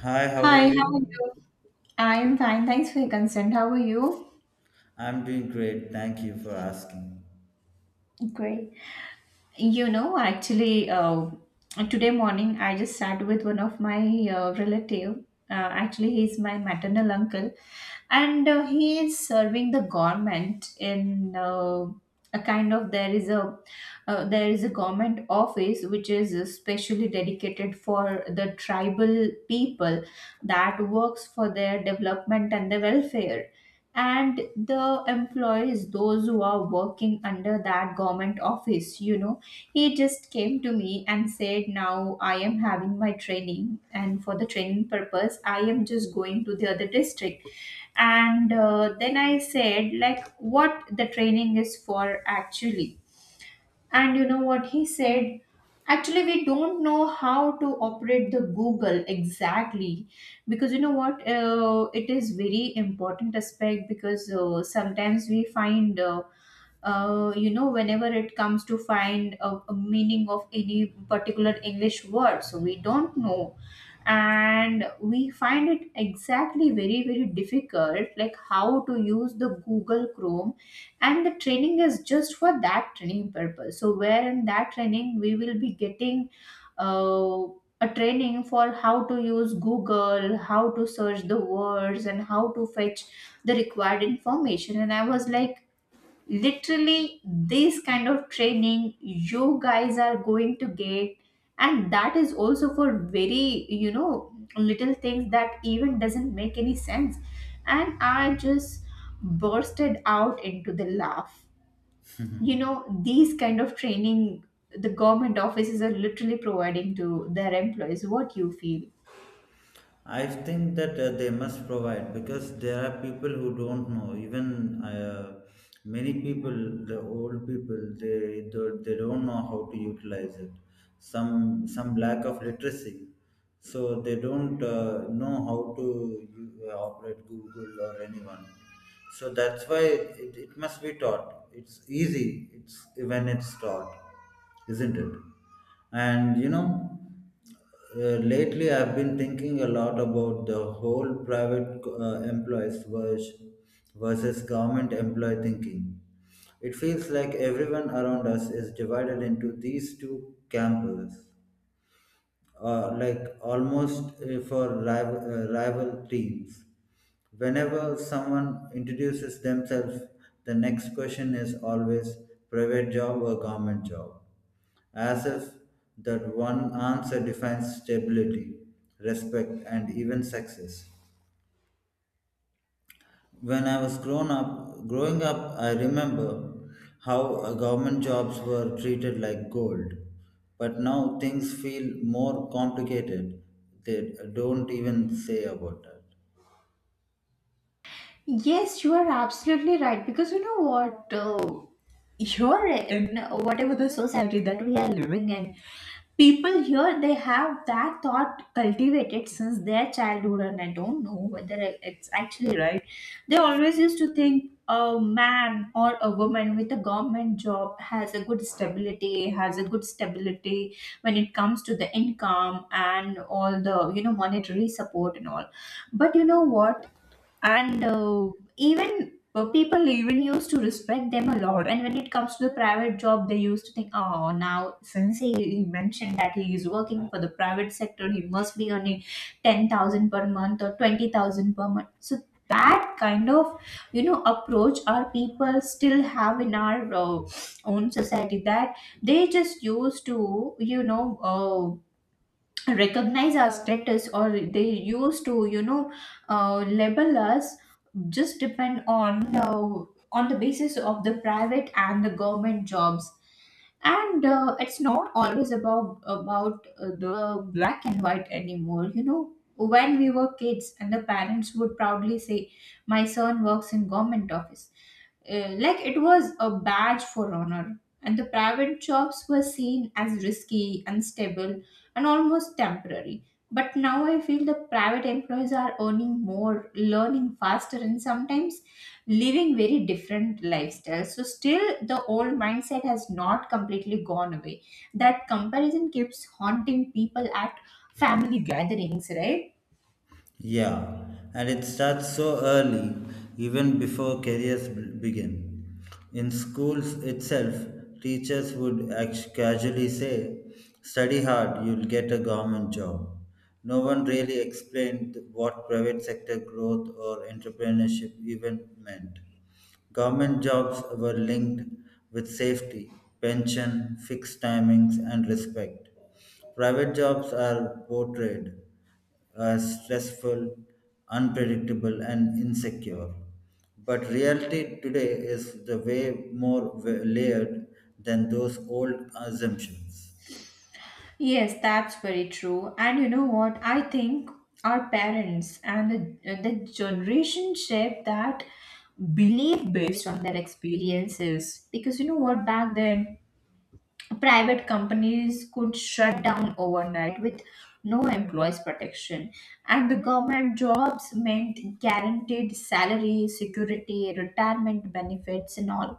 Hi, how are Hi, how are you? you? I'm fine. Thanks for your consent. How are you? I'm doing great. Thank you for asking. Great. You know, actually, uh, today morning I just sat with one of my relative. He's my maternal uncle, and he is serving the government in a kind of there is a government office which is specially dedicated for the tribal people that works for their development and the welfare, and the employees those who are working under that government office. You know, he just came to me and said, now I am having my training, and for the training purpose I am just going to the other district. And then I said, like, what the training is for, actually. And you know what he said? Actually, we don't know how to operate the Google exactly, because you know what? It is very important aspect, because sometimes we find, you know, whenever it comes to find a meaning of any particular English word, so we don't know. And we find it exactly very, very difficult, like how to use the Google Chrome. And the training is just for that training purpose, so where in that training we will be getting uh, a training for how to use Google, how to search the words, and how to fetch the required information. And I was like, literally, this kind of training you guys are going to get? And that is also for very, you know, little things that even doesn't make any sense. And I just bursted out into the laugh. You know, these kind of training the government offices are literally providing to their employees, what you feel? I think that they must provide because there are people who don't know. Even many people, the old people, they don't know how to utilize it. Some lack of literacy, so they don't know how to operate Google or anyone. So that's why it must be taught. It's easy. It's when it's taught, isn't it? And you know, lately I've been thinking a lot about the whole private versus government employee thinking. It feels like everyone around us is divided into these two camps like almost for rival teams. Whenever someone introduces themselves, the next question is always private job or government job, as if that one answer defines stability, respect, and even success when I was grown up, growing up, I remember how government jobs were treated like gold. But now things feel more complicated. They don't even say about that. Yes, you are absolutely right. Because you know what? Here in whatever the society that we are living in, people here they have that thought cultivated since their childhood, and I don't know whether it's actually right. They always used to think a man or a woman with a government job has a good stability, has a good stability when it comes to the income and all the, you know, monetary support and all. But you know what? And even people even used to respect them a lot. And when it comes to the private job, they used to think, oh, now since he mentioned that he is working for the private sector, he must be earning 10,000 per month or 20,000 per month. So that kind of, you know, approach our people still have in our own society, that they just used to, you know, recognize our status, or they used to, you know, label us just depend on the basis of the private and the government jobs. And it's not always about the black and white anymore, you know. When we were kids and the parents would proudly say, my son works in government office, like it was a badge for honor, and the private jobs were seen as risky, unstable, and almost temporary. But now I feel the private employees are earning more, learning faster, and sometimes living very different lifestyles. So, still, the old mindset has not completely gone away. That comparison keeps haunting people at family gatherings, right? Yeah, and it starts so early, even before careers begin. In schools itself, teachers would casually say, "Study hard, you'll get a government job." No one really explained what private sector growth or entrepreneurship even meant. Government jobs were linked with safety, pension, fixed timings, and respect. Private jobs are portrayed stressful, unpredictable, and insecure. But reality today is the way more layered than those old assumptions. Yes, that's very true. And you know what? I think our parents and the generation shape that belief based on their experiences. Because you know what, back then, private companies could shut down overnight with no employees protection, and the government jobs meant guaranteed salary, security, retirement benefits and all.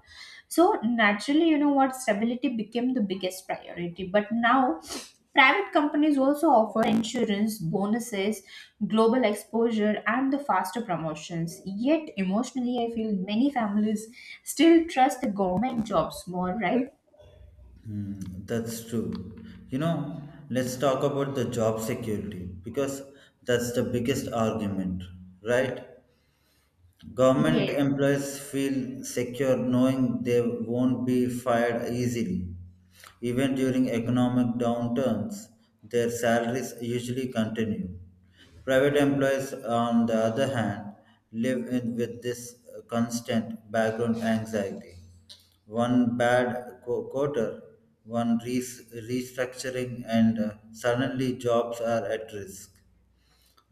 So naturally, you know what, stability became the biggest priority. But now private companies also offer insurance, bonuses, global exposure, and the faster promotions. Yet emotionally I feel many families still trust the government jobs more, right? Hmm, that's true. You know, let's talk about the job security because that's the biggest argument, right? Government Yes. employees feel secure knowing they won't be fired easily. Even during economic downturns, their salaries usually continue. Private employees, on the other hand, live in with this constant background anxiety. One bad quarter, one restructuring, and suddenly jobs are at risk.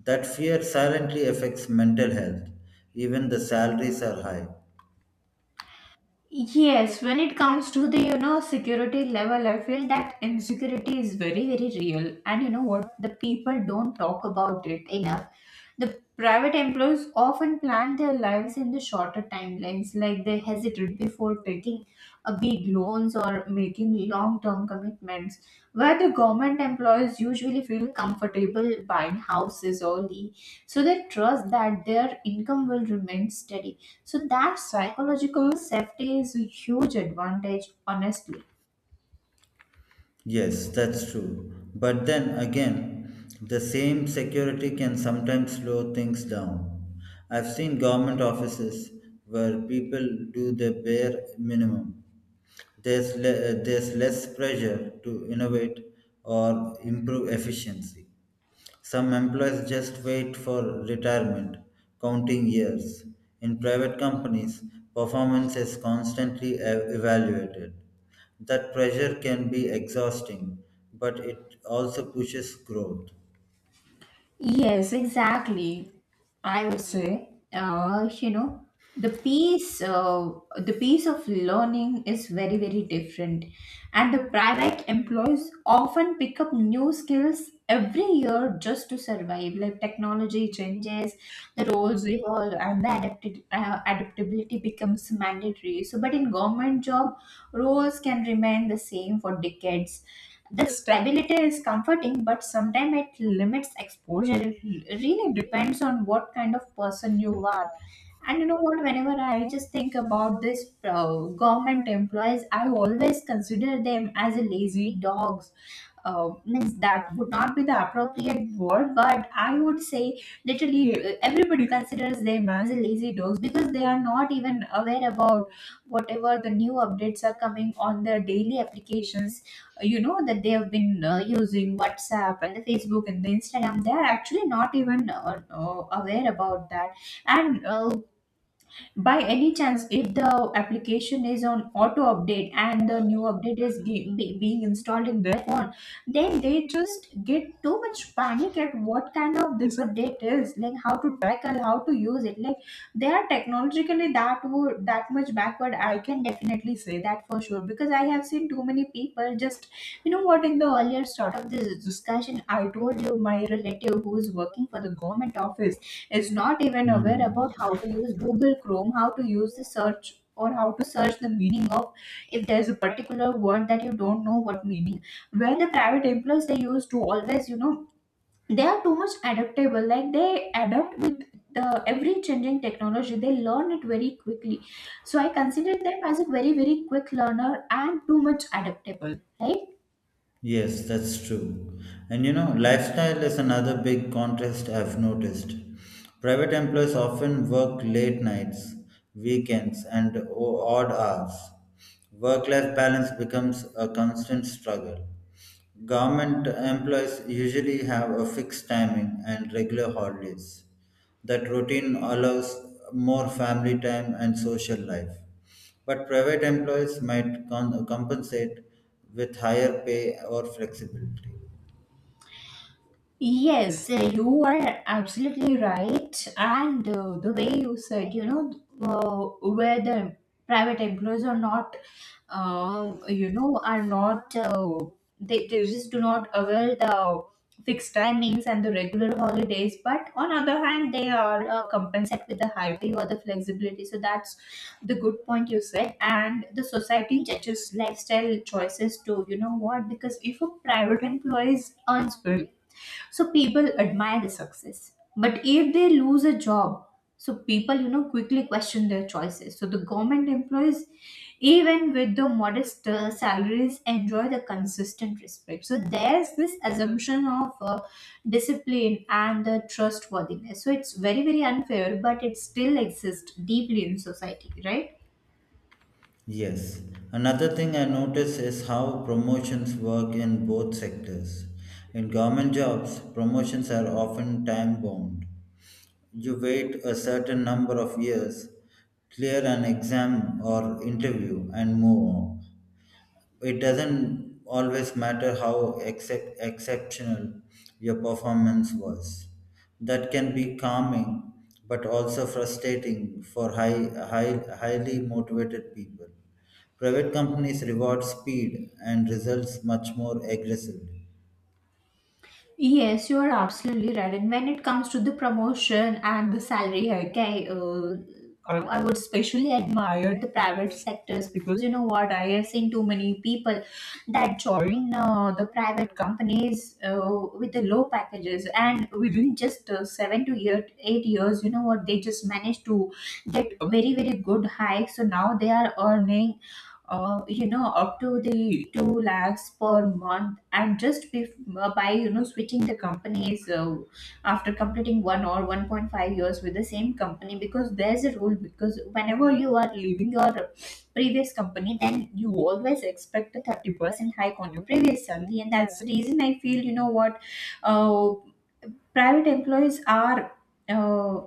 That fear silently affects mental health, even the salaries are high. Yes, when it comes to the, you know, security level, I feel that insecurity is very very real, and you know what, the people don't talk about it enough. The private employees often plan their lives in the shorter timelines, like they hesitate before taking a big loans or making long-term commitments, where the government employees usually feel comfortable buying houses early, so they trust that their income will remain steady. So that psychological safety is a huge advantage, honestly. Yes, that's true. But then again, the same security can sometimes slow things down. I've seen government offices where people do the bare minimum. There's less pressure to innovate or improve efficiency. Some employees just wait for retirement, counting years. In private companies, performance is constantly evaluated. That pressure can be exhausting, but it also pushes growth. Yes, exactly. I would say, you know, the piece, uh, the piece of learning is very, very different, and the private employees often pick up new skills every year just to survive. Like technology changes, the roles evolve, and adaptability becomes mandatory. So, but in government job, roles can remain the same for decades. This stability is comforting, but sometimes it limits exposure. It really depends on what kind of person you are. And you know what? Whenever I just think about this government employees, I always consider them as a lazy dogs. Means that would not be the appropriate word, but I would say literally everybody considers them as a lazy dogs, because they are not even aware about whatever the new updates are coming on their daily applications, you know, that they have been using WhatsApp and the Facebook and the Instagram. They are actually not even aware about that. And by any chance, if the application is on auto update and the new update is being installed in their phone, then they just get too much panic at what kind of this update is, like how to tackle, how to use it. Like, they are technologically that much backward, I can definitely say that for sure, because I have seen too many people just, you know what, in the earlier start of this discussion I told you, my relative who is working for the government office is not even aware Hmm. about how to use Google Chrome, how to use the search, or how to search the meaning of, if there's a particular word that you don't know what meaning. Where the private employees, they used to always, you know, they are too much adaptable. Like, they adapt with the every changing technology. They learn it very quickly. So I consider them as a very, very quick learner and too much adaptable, right? Yes, that's true. And you know, lifestyle is another big contrast I've noticed. Private employees often work late nights, weekends, and odd hours. Work life balance becomes a constant struggle. Government employees usually have a fixed timing and regular holidays. That routine allows more family time and social life. But private employees might compensate with higher pay or flexibility. Yes, you are absolutely right. And the way you said, you know, where the private employers are not, you know, are not, they just do not avail the fixed timings and the regular holidays. But on other hand, they are compensated with the high pay or the flexibility. So that's the good point you said. And the society judges lifestyle choices too, you know what? Because if a private employee earns well, so people admire the success. But if they lose a job, so people, you know, quickly question their choices. So the government employees, even with the modest salaries, enjoy the consistent respect. So there's this assumption of discipline and the trustworthiness. So it's very, very unfair, but it still exists deeply in society, right? Yes. Another thing I notice is how promotions work in both sectors. In government jobs, promotions are often time bound. You wait a certain number of years, clear an exam or interview, and move on. It doesn't always matter how exceptional your performance was. That can be calming, but also frustrating for highly motivated people. Private companies reward speed and results much more aggressively. Yes, you are absolutely right. And when it comes to the promotion and the salary hike, I would especially admire the private sectors, because you know what? I have seen too many people that join the private companies with the low packages, and within just 8 years, you know what? They just managed to get very, very good hikes. So now they are earning, you know, up to the 2 lakhs per month, and just by, you know, switching the companies after completing one or 1.5 years with the same company, because there's a rule, because whenever you are leaving your previous company, then you always expect a 30% hike on your previous salary. And that's the reason, I feel, you know what, uh, private employees are, uh,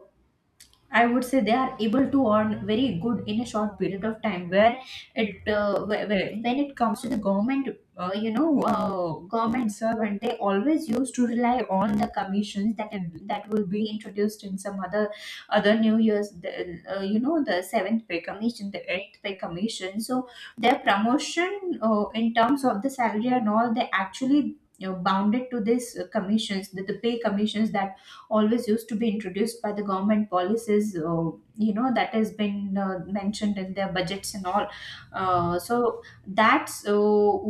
I would say, they are able to earn very good in a short period of time. Where when it comes to the government, you know, government servant, they always used to rely on the commissions that that will be introduced in some other New Year's, you know, the seventh pay commission, the eighth pay commission. So their promotion in terms of the salary and all, they actually. Bounded to this commissions, the pay commissions that always used to be introduced by the government policies, that has been mentioned in their budgets and all. So that's uh,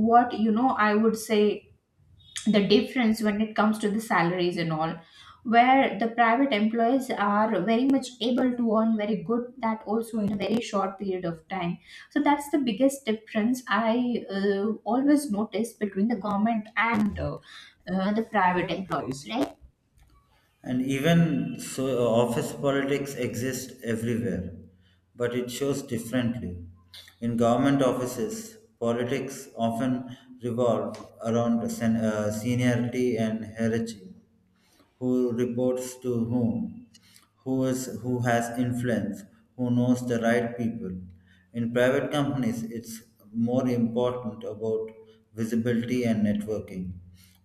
what you know I would say the difference when it comes to the salaries and all, where the private employees are very much able to earn very good, that also in a very short period of time. So that's the biggest difference I always notice between the government and the private employees, right? And even so, office politics exists everywhere, but it shows differently. In government offices, politics often revolve around seniority and hierarchy, who reports to whom, who has influence, who knows the right people. In private companies, it's more important about visibility and networking.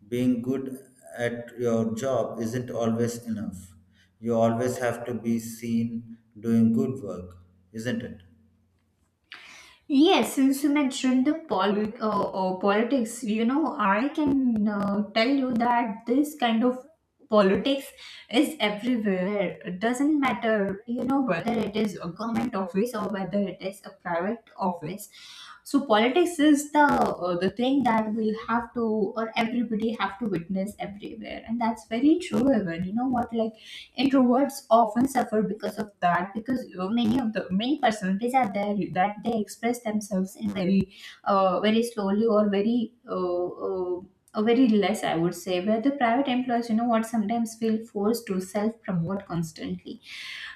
Being good at your job isn't always enough. You always have to be seen doing good work, isn't it? Yes, since you mentioned the politics, I can tell you that this kind of politics is everywhere. It doesn't matter, whether it is a government office or whether it is a private office. So politics is the thing that we'll have to, or everybody have to witness everywhere, and that's very true. Even you know what, like introverts often suffer because of that, because many of the many personalities are there that they express themselves in very slowly, or very less, I would say, where the private employees, you know what sometimes feel forced to self promote constantly,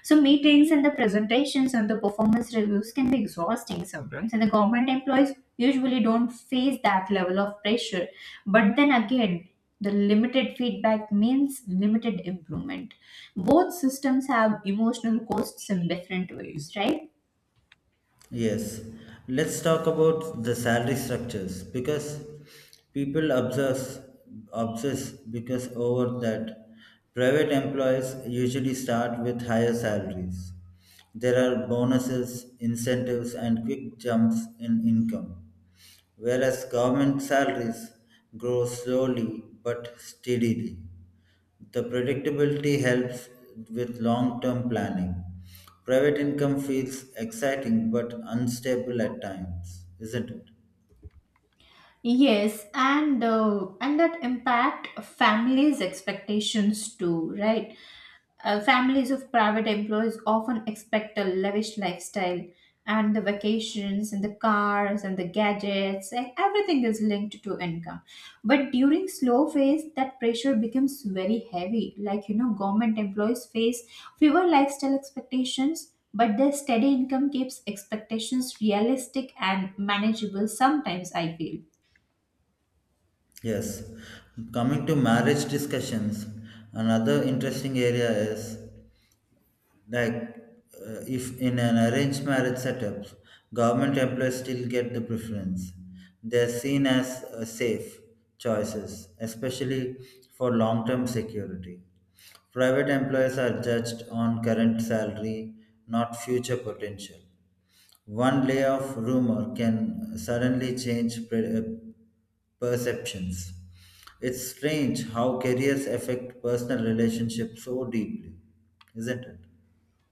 so meetings and the presentations and the performance reviews can be exhausting sometimes, and the government employees usually don't face that level of pressure. But then again, the limited feedback means limited improvement. Both systems have emotional costs in different ways, right? Yes, let's talk about the salary structures because people obsess obsess because over that. Private employees usually start with higher salaries. There are bonuses, incentives, and quick jumps in income, whereas government salaries grow slowly but steadily. The predictability helps with long term planning. Private income feels exciting but unstable at times, isn't it? Yes, and that impact families' expectations too, right? Families of private employees often expect a lavish lifestyle, and the vacations, and the cars, and the gadgets, and everything is linked to income. But during slow phase, that pressure becomes very heavy. Like you know, government employees face fewer lifestyle expectations. But their steady income keeps expectations realistic and manageable sometimes, I feel. Yes. Coming to marriage discussions, another interesting area is, like, if in an arranged marriage setup, government employees still get the preference. They're seen as safe choices, especially for long-term security. Private employees are judged on current salary, not future potential. One layoff rumor can suddenly change perceptions. It's strange how careers affect personal relationships so deeply, isn't it?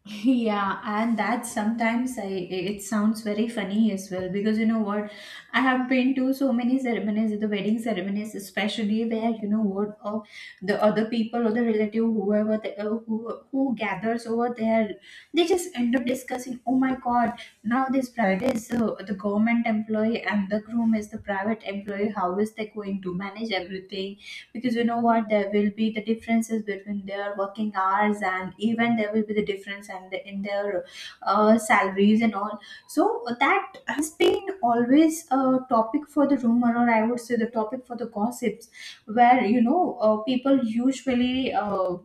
Yeah, and that sometimes I it sounds very funny as well, because you know what, I have been to so many ceremonies, the wedding ceremonies especially, where you know what, the other people or the relative, whoever the, who gathers over there, they just end up discussing, oh my god, now this bride is the government employee and the groom is the private employee. How is they going to manage everything, because you know what, there will be the differences between their working hours, and even there will be the difference and in their salaries and all. So that has been always a topic for the rumor, or I would say, the topic for the gossips, where people usually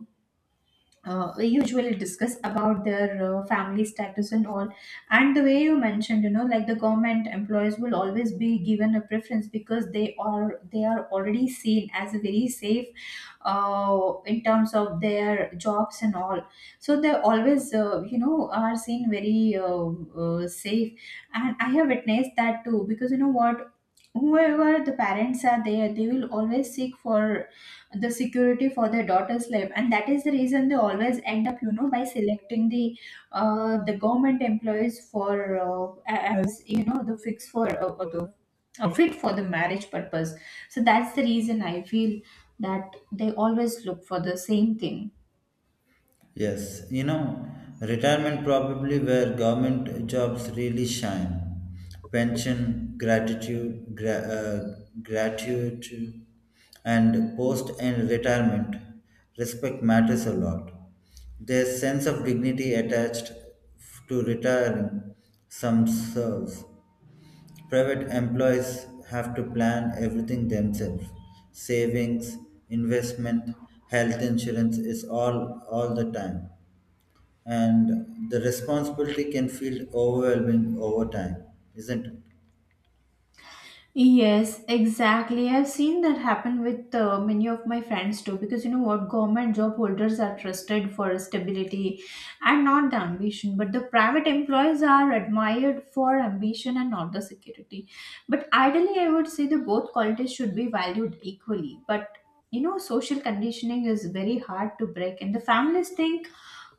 we usually discuss about their family status and all. And the way you mentioned, like the government employees will always be given a preference, because they are already seen as a very safe, in terms of their jobs and all. So they always are seen very safe. And I have witnessed that too, because you know what, whoever the parents are there, they will always seek for the security for their daughter's life, and that is the reason they always end up, by selecting the government employees for, as you know, the fix for the fit for the marriage purpose. So that's the reason I feel that they always look for the same thing. Yes, you know, retirement probably where government jobs really shine. Pension, gratitude, gratitude, and post and retirement respect matters a lot. There's sense of dignity attached to retiring some serves. Private employees have to plan everything themselves. Savings, investment, health insurance is all the time, and the responsibility can feel overwhelming over time, isn't it? Yes, exactly. I've seen that happen with many of my friends too, because you know what, government job holders are trusted for stability and not the ambition, but the private employees are admired for ambition and not the security. But ideally, I would say the both qualities should be valued equally. But you know, social conditioning is very hard to break, and the families think,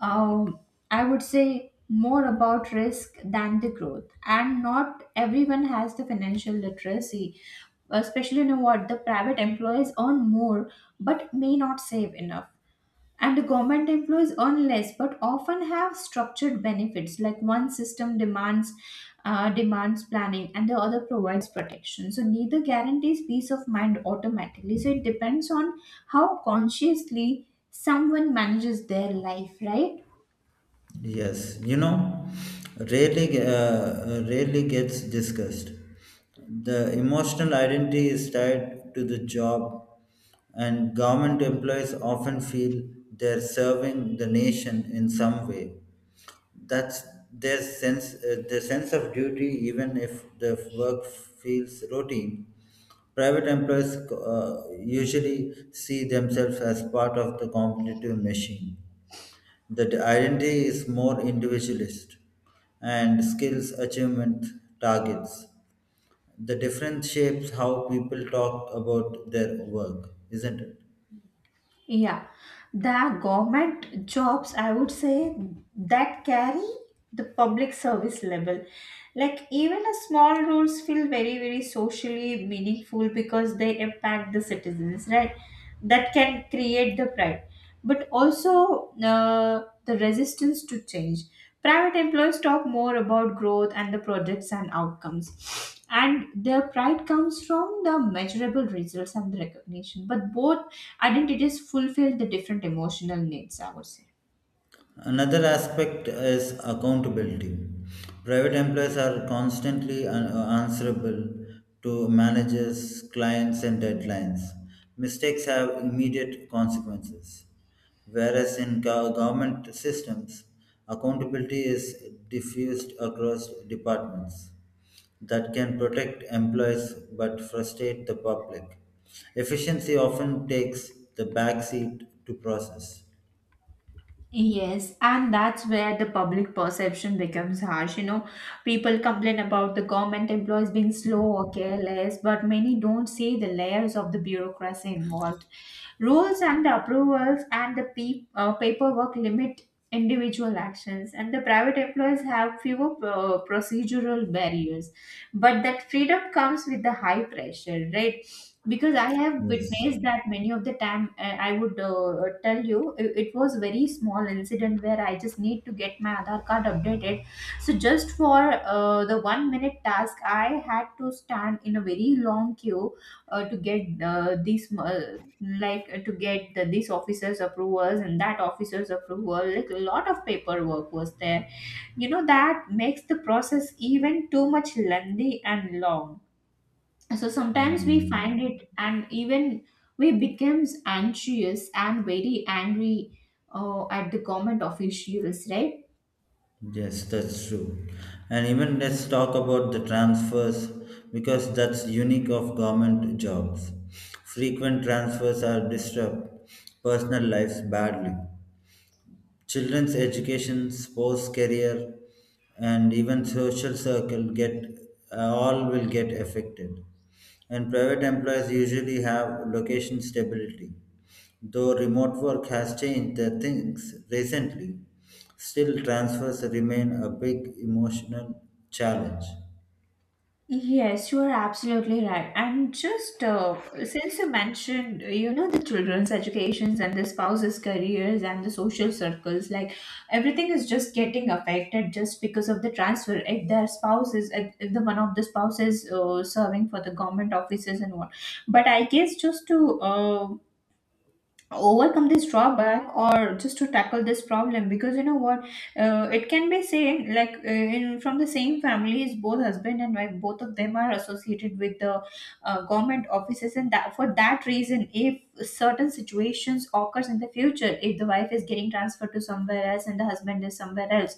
um, I would say, more about risk than the growth. And not everyone has the financial literacy, especially you know what, the private employees earn more but may not save enough. And the government employees earn less but often have structured benefits, like one system demands planning, and the other provides protection. So neither guarantees peace of mind automatically. So it depends on how consciously someone manages their life, right? Yes, you know, rarely gets discussed. The emotional identity is tied to the job, and government employees often feel they're serving the nation in some way. That's their sense of duty, even if the work feels routine. Private employers usually see themselves as part of the competitive machine. The identity is more individualist and skills, achievement, targets. The difference shapes how people talk about their work, isn't it? Yeah, the government jobs, I would say, that carry the public service level. Like, even a small roles feel very, very socially meaningful because they impact the citizens, right? That can create the pride, but also the resistance to change. Private employers talk more about growth and the projects and outcomes, and their pride comes from the measurable results and the recognition. But both identities fulfill the different emotional needs, I would say. Another aspect is accountability. Private employees are constantly answerable to managers, clients, and deadlines. Mistakes have immediate consequences. Whereas in government systems, accountability is diffused across departments that can protect employees but frustrate the public. Efficiency often takes the backseat to process. Yes, and that's where the public perception becomes harsh. You know, people complain about the government employees being slow or careless, but many don't see the layers of the bureaucracy involved. Rules and approvals and the paperwork limit individual actions, and the private employees have fewer procedural barriers. But that freedom comes with the high pressure, right? Because I have Yes. witnessed that many of the time, I would tell you, it was very small incident where I just need to get my Aadhaar card updated. So just for the 1 minute task, I had to stand in a very long queue, to get these, like to get this officer's approvals and that officer's approval. Like a lot of paperwork was there, you know, that makes the process even too much lengthy and long. So sometimes we Hmm. find it, and even we becomes anxious and very angry at the government officials, right? Yes, that's true. And even let's talk about the transfers because that's unique of government jobs. Frequent transfers are disrupt personal lives badly. Children's education, sports, career, and even social circle get all will get affected. And private employers usually have location stability. Though remote work has changed the things recently, still transfers remain a big emotional challenge. Yes, you are absolutely right. And just since you mentioned, you know, the children's educations and the spouses' careers and the social circles, like everything is just getting affected just because of the transfer. If their spouse is, if the one of the spouses serving for the government offices and what, but I guess just to overcome this drawback, or just to tackle this problem, because you know what, it can be same, like in from the same families, both husband and wife, both of them are associated with the government offices, and that for that reason, if certain situations occurs in the future, if the wife is getting transferred to somewhere else and the husband is somewhere else,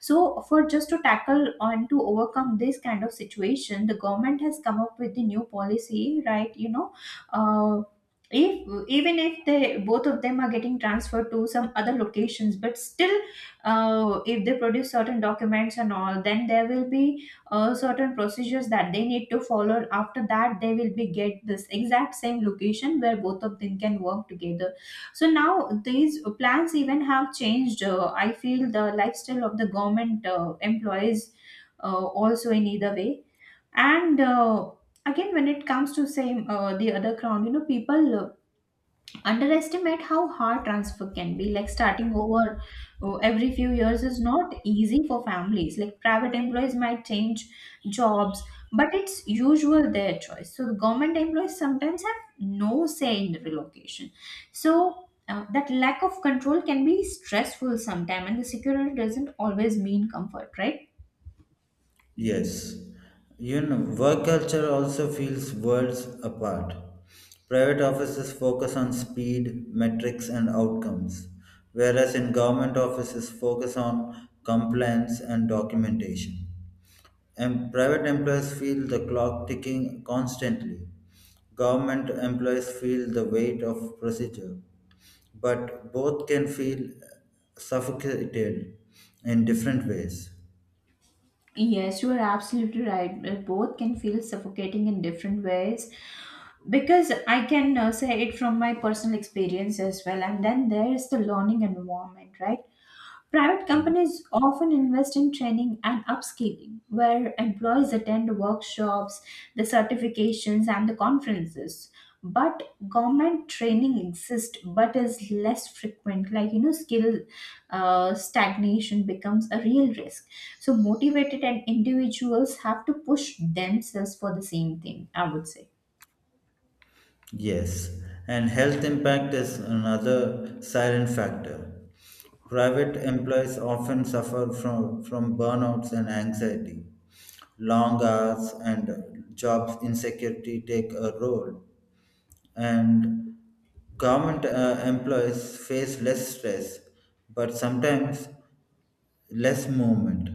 so for just to tackle and to overcome this kind of situation, the government has come up with the new policy, right? You know, uh, if even if they both of them are getting transferred to some other locations, but still, if they produce certain documents and all, then there will be certain procedures that they need to follow, after that they will be get this exact same location where both of them can work together. So now these plans even have changed. I feel the lifestyle of the government employees, also in either way. And again, when it comes to same, the other crowd, you know, people underestimate how hard transfer can be, like starting over every few years is not easy for families. Like private employees might change jobs, but it's usual their choice, so the government employees sometimes have no say in the relocation. So that lack of control can be stressful sometimes, and the security doesn't always mean comfort, right? Yes, you know, work culture also feels worlds apart. Private offices focus on speed, metrics, and outcomes, whereas in government offices focus on compliance and documentation. And private employees feel the clock ticking constantly. Government employees feel the weight of procedure, but both can feel suffocated in different ways. Yes, you are absolutely right. Both can feel suffocating in different ways, because I can say it from my personal experience as well. And then there is the learning environment, right? Private companies often invest in training and upskilling, where employees attend workshops, the certifications, and the conferences. But government training exists but is less frequent. Like, you know, skill stagnation becomes a real risk. So, motivated and individuals have to push themselves for the same thing, I would say. Yes, and health impact is another silent factor. Private employees often suffer from, burnouts and anxiety. Long hours and job insecurity take a role, and government employees face less stress, but sometimes less movement.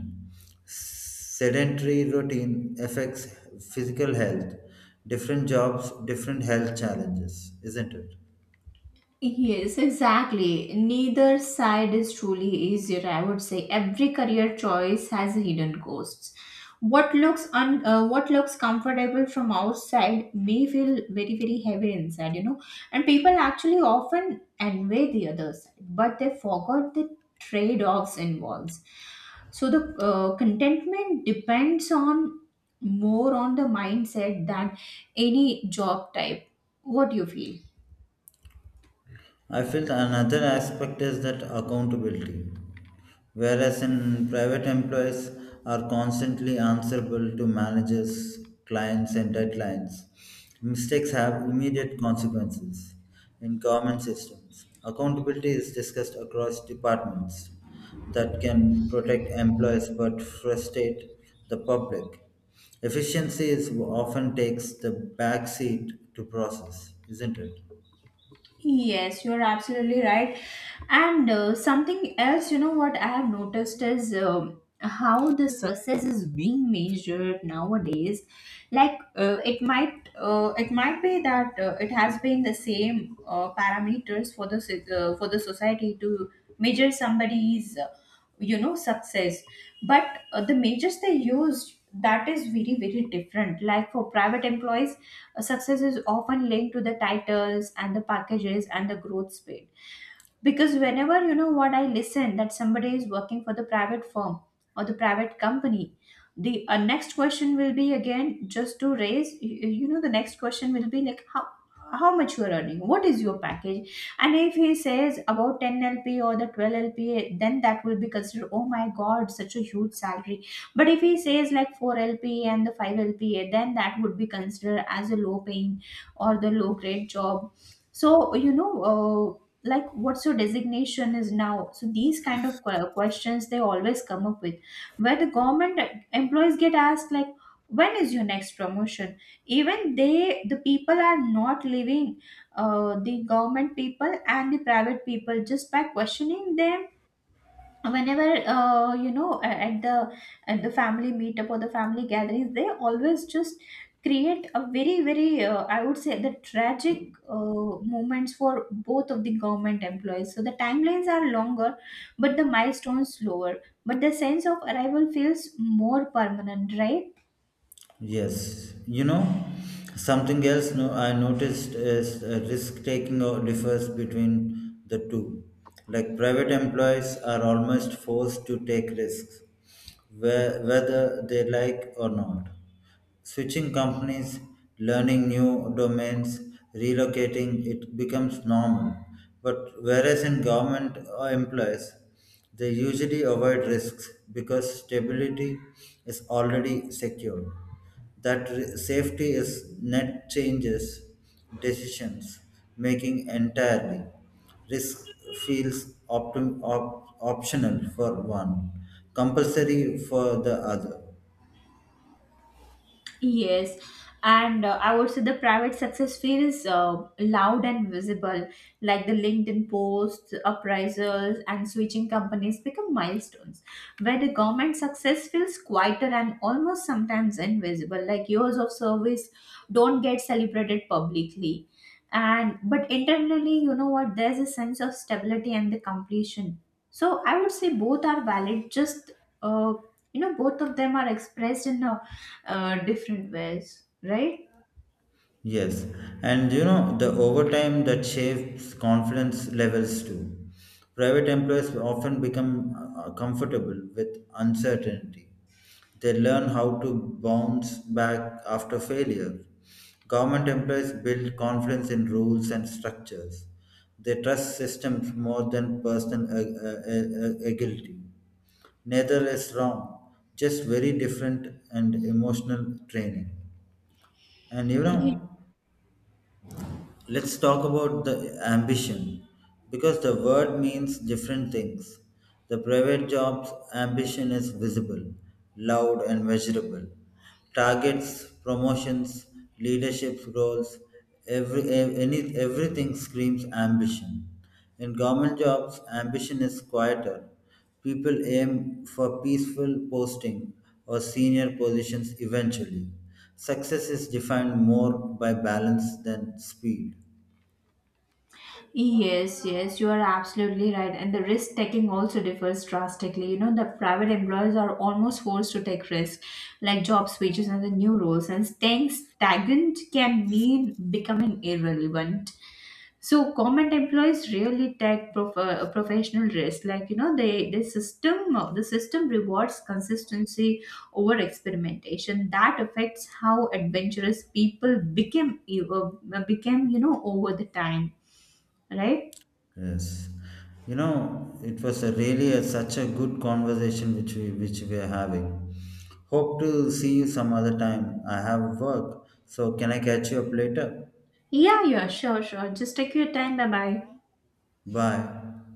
Sedentary routine affects physical health. Different jobs, different health challenges, isn't it? Yes, exactly. Neither side is truly easier, I would say. Every career choice has hidden costs. What looks comfortable from outside may feel very very heavy inside, you know. And people actually often envy the other side, but they forgot the trade-offs involved. So the contentment depends on more on the mindset than any job type. What do you feel? I feel another aspect is that accountability. Whereas in private employees are constantly answerable to managers, clients and deadlines, mistakes have immediate consequences. In government systems, accountability is discussed across departments that can protect employees but frustrate the public. Efficiency is often takes the back seat to process, isn't it? Yes, you're absolutely right. And something else, you know, what I have noticed is how the success is being measured nowadays. Like it might be that it has been the same parameters for the society to measure somebody's, success. But the measures they used, that is very very different. Like for private employees, success is often linked to the titles and the packages and the growth speed. Because whenever you know what, I listen that somebody is working for the private firm or the private company, the next question will be, again, just to raise you, you know, the next question will be like, how much you are earning, what is your package. And if he says about 10 LP or the 12 LP, then that will be considered, oh my God, such a huge salary. But if he says like 4 LP and the 5 LP, then that would be considered as a low paying or the low grade job. So, you know, like what's your designation is now. So these kind of questions they always come up with, where the government employees get asked like, when is your next promotion? Even the people are not living, the government people and the private people, just by questioning them, whenever at the family meetup or the family gatherings, they always just create a very very, I would say, the tragic moments for both of the government employees. So the timelines are longer but the milestones slower, but the sense of arrival feels more permanent, right? Yes, you know, something else, no, I noticed is risk taking or differs between the two. Like private employees are almost forced to take risks, whether they like or not. Switching companies, learning new domains, relocating, it becomes normal. But whereas in government employees, they usually avoid risks because stability is already secured. That safety is net changes decisions making entirely. Risk feels optional for one, compulsory for the other. Yes, and I would say the private success feels loud and visible, like the LinkedIn posts, appraisals, and switching companies become milestones, where the government success feels quieter and almost sometimes invisible, like years of service don't get celebrated publicly. And but internally, you know what, there's a sense of stability and the completion. So I would say both are valid, just uh, both of them are expressed in a different ways, right? Yes, and you know, the overtime that shapes confidence levels too. Private employers often become comfortable with uncertainty. They learn how to bounce back after failure. Government employees build confidence in rules and structures. They trust systems more than personal agility. Neither is wrong, just very different and emotional training. And you You know, let's talk about the ambition because the word means different things. The private job's ambition is visible, loud, and measurable. Targets, promotions, leadership roles, everything screams ambition. In government jobs, ambition is quieter. People aim for peaceful posting or senior positions eventually. Success is defined more by balance than speed. Yes, yes, you are absolutely right. And the risk taking also differs drastically. You know, the private employers are almost forced to take risks, like job switches and the new roles, and staying stagnant can mean becoming irrelevant. So, government employees really take professional risk. Like you know, the system rewards consistency over experimentation. That affects how adventurous people became over the time, right? Yes, you know, it was a really such a good conversation which we are having. Hope to see you some other time. I have work, so can I catch you up later? Yeah, yeah, sure, sure. Just take your time. Bye bye. Bye.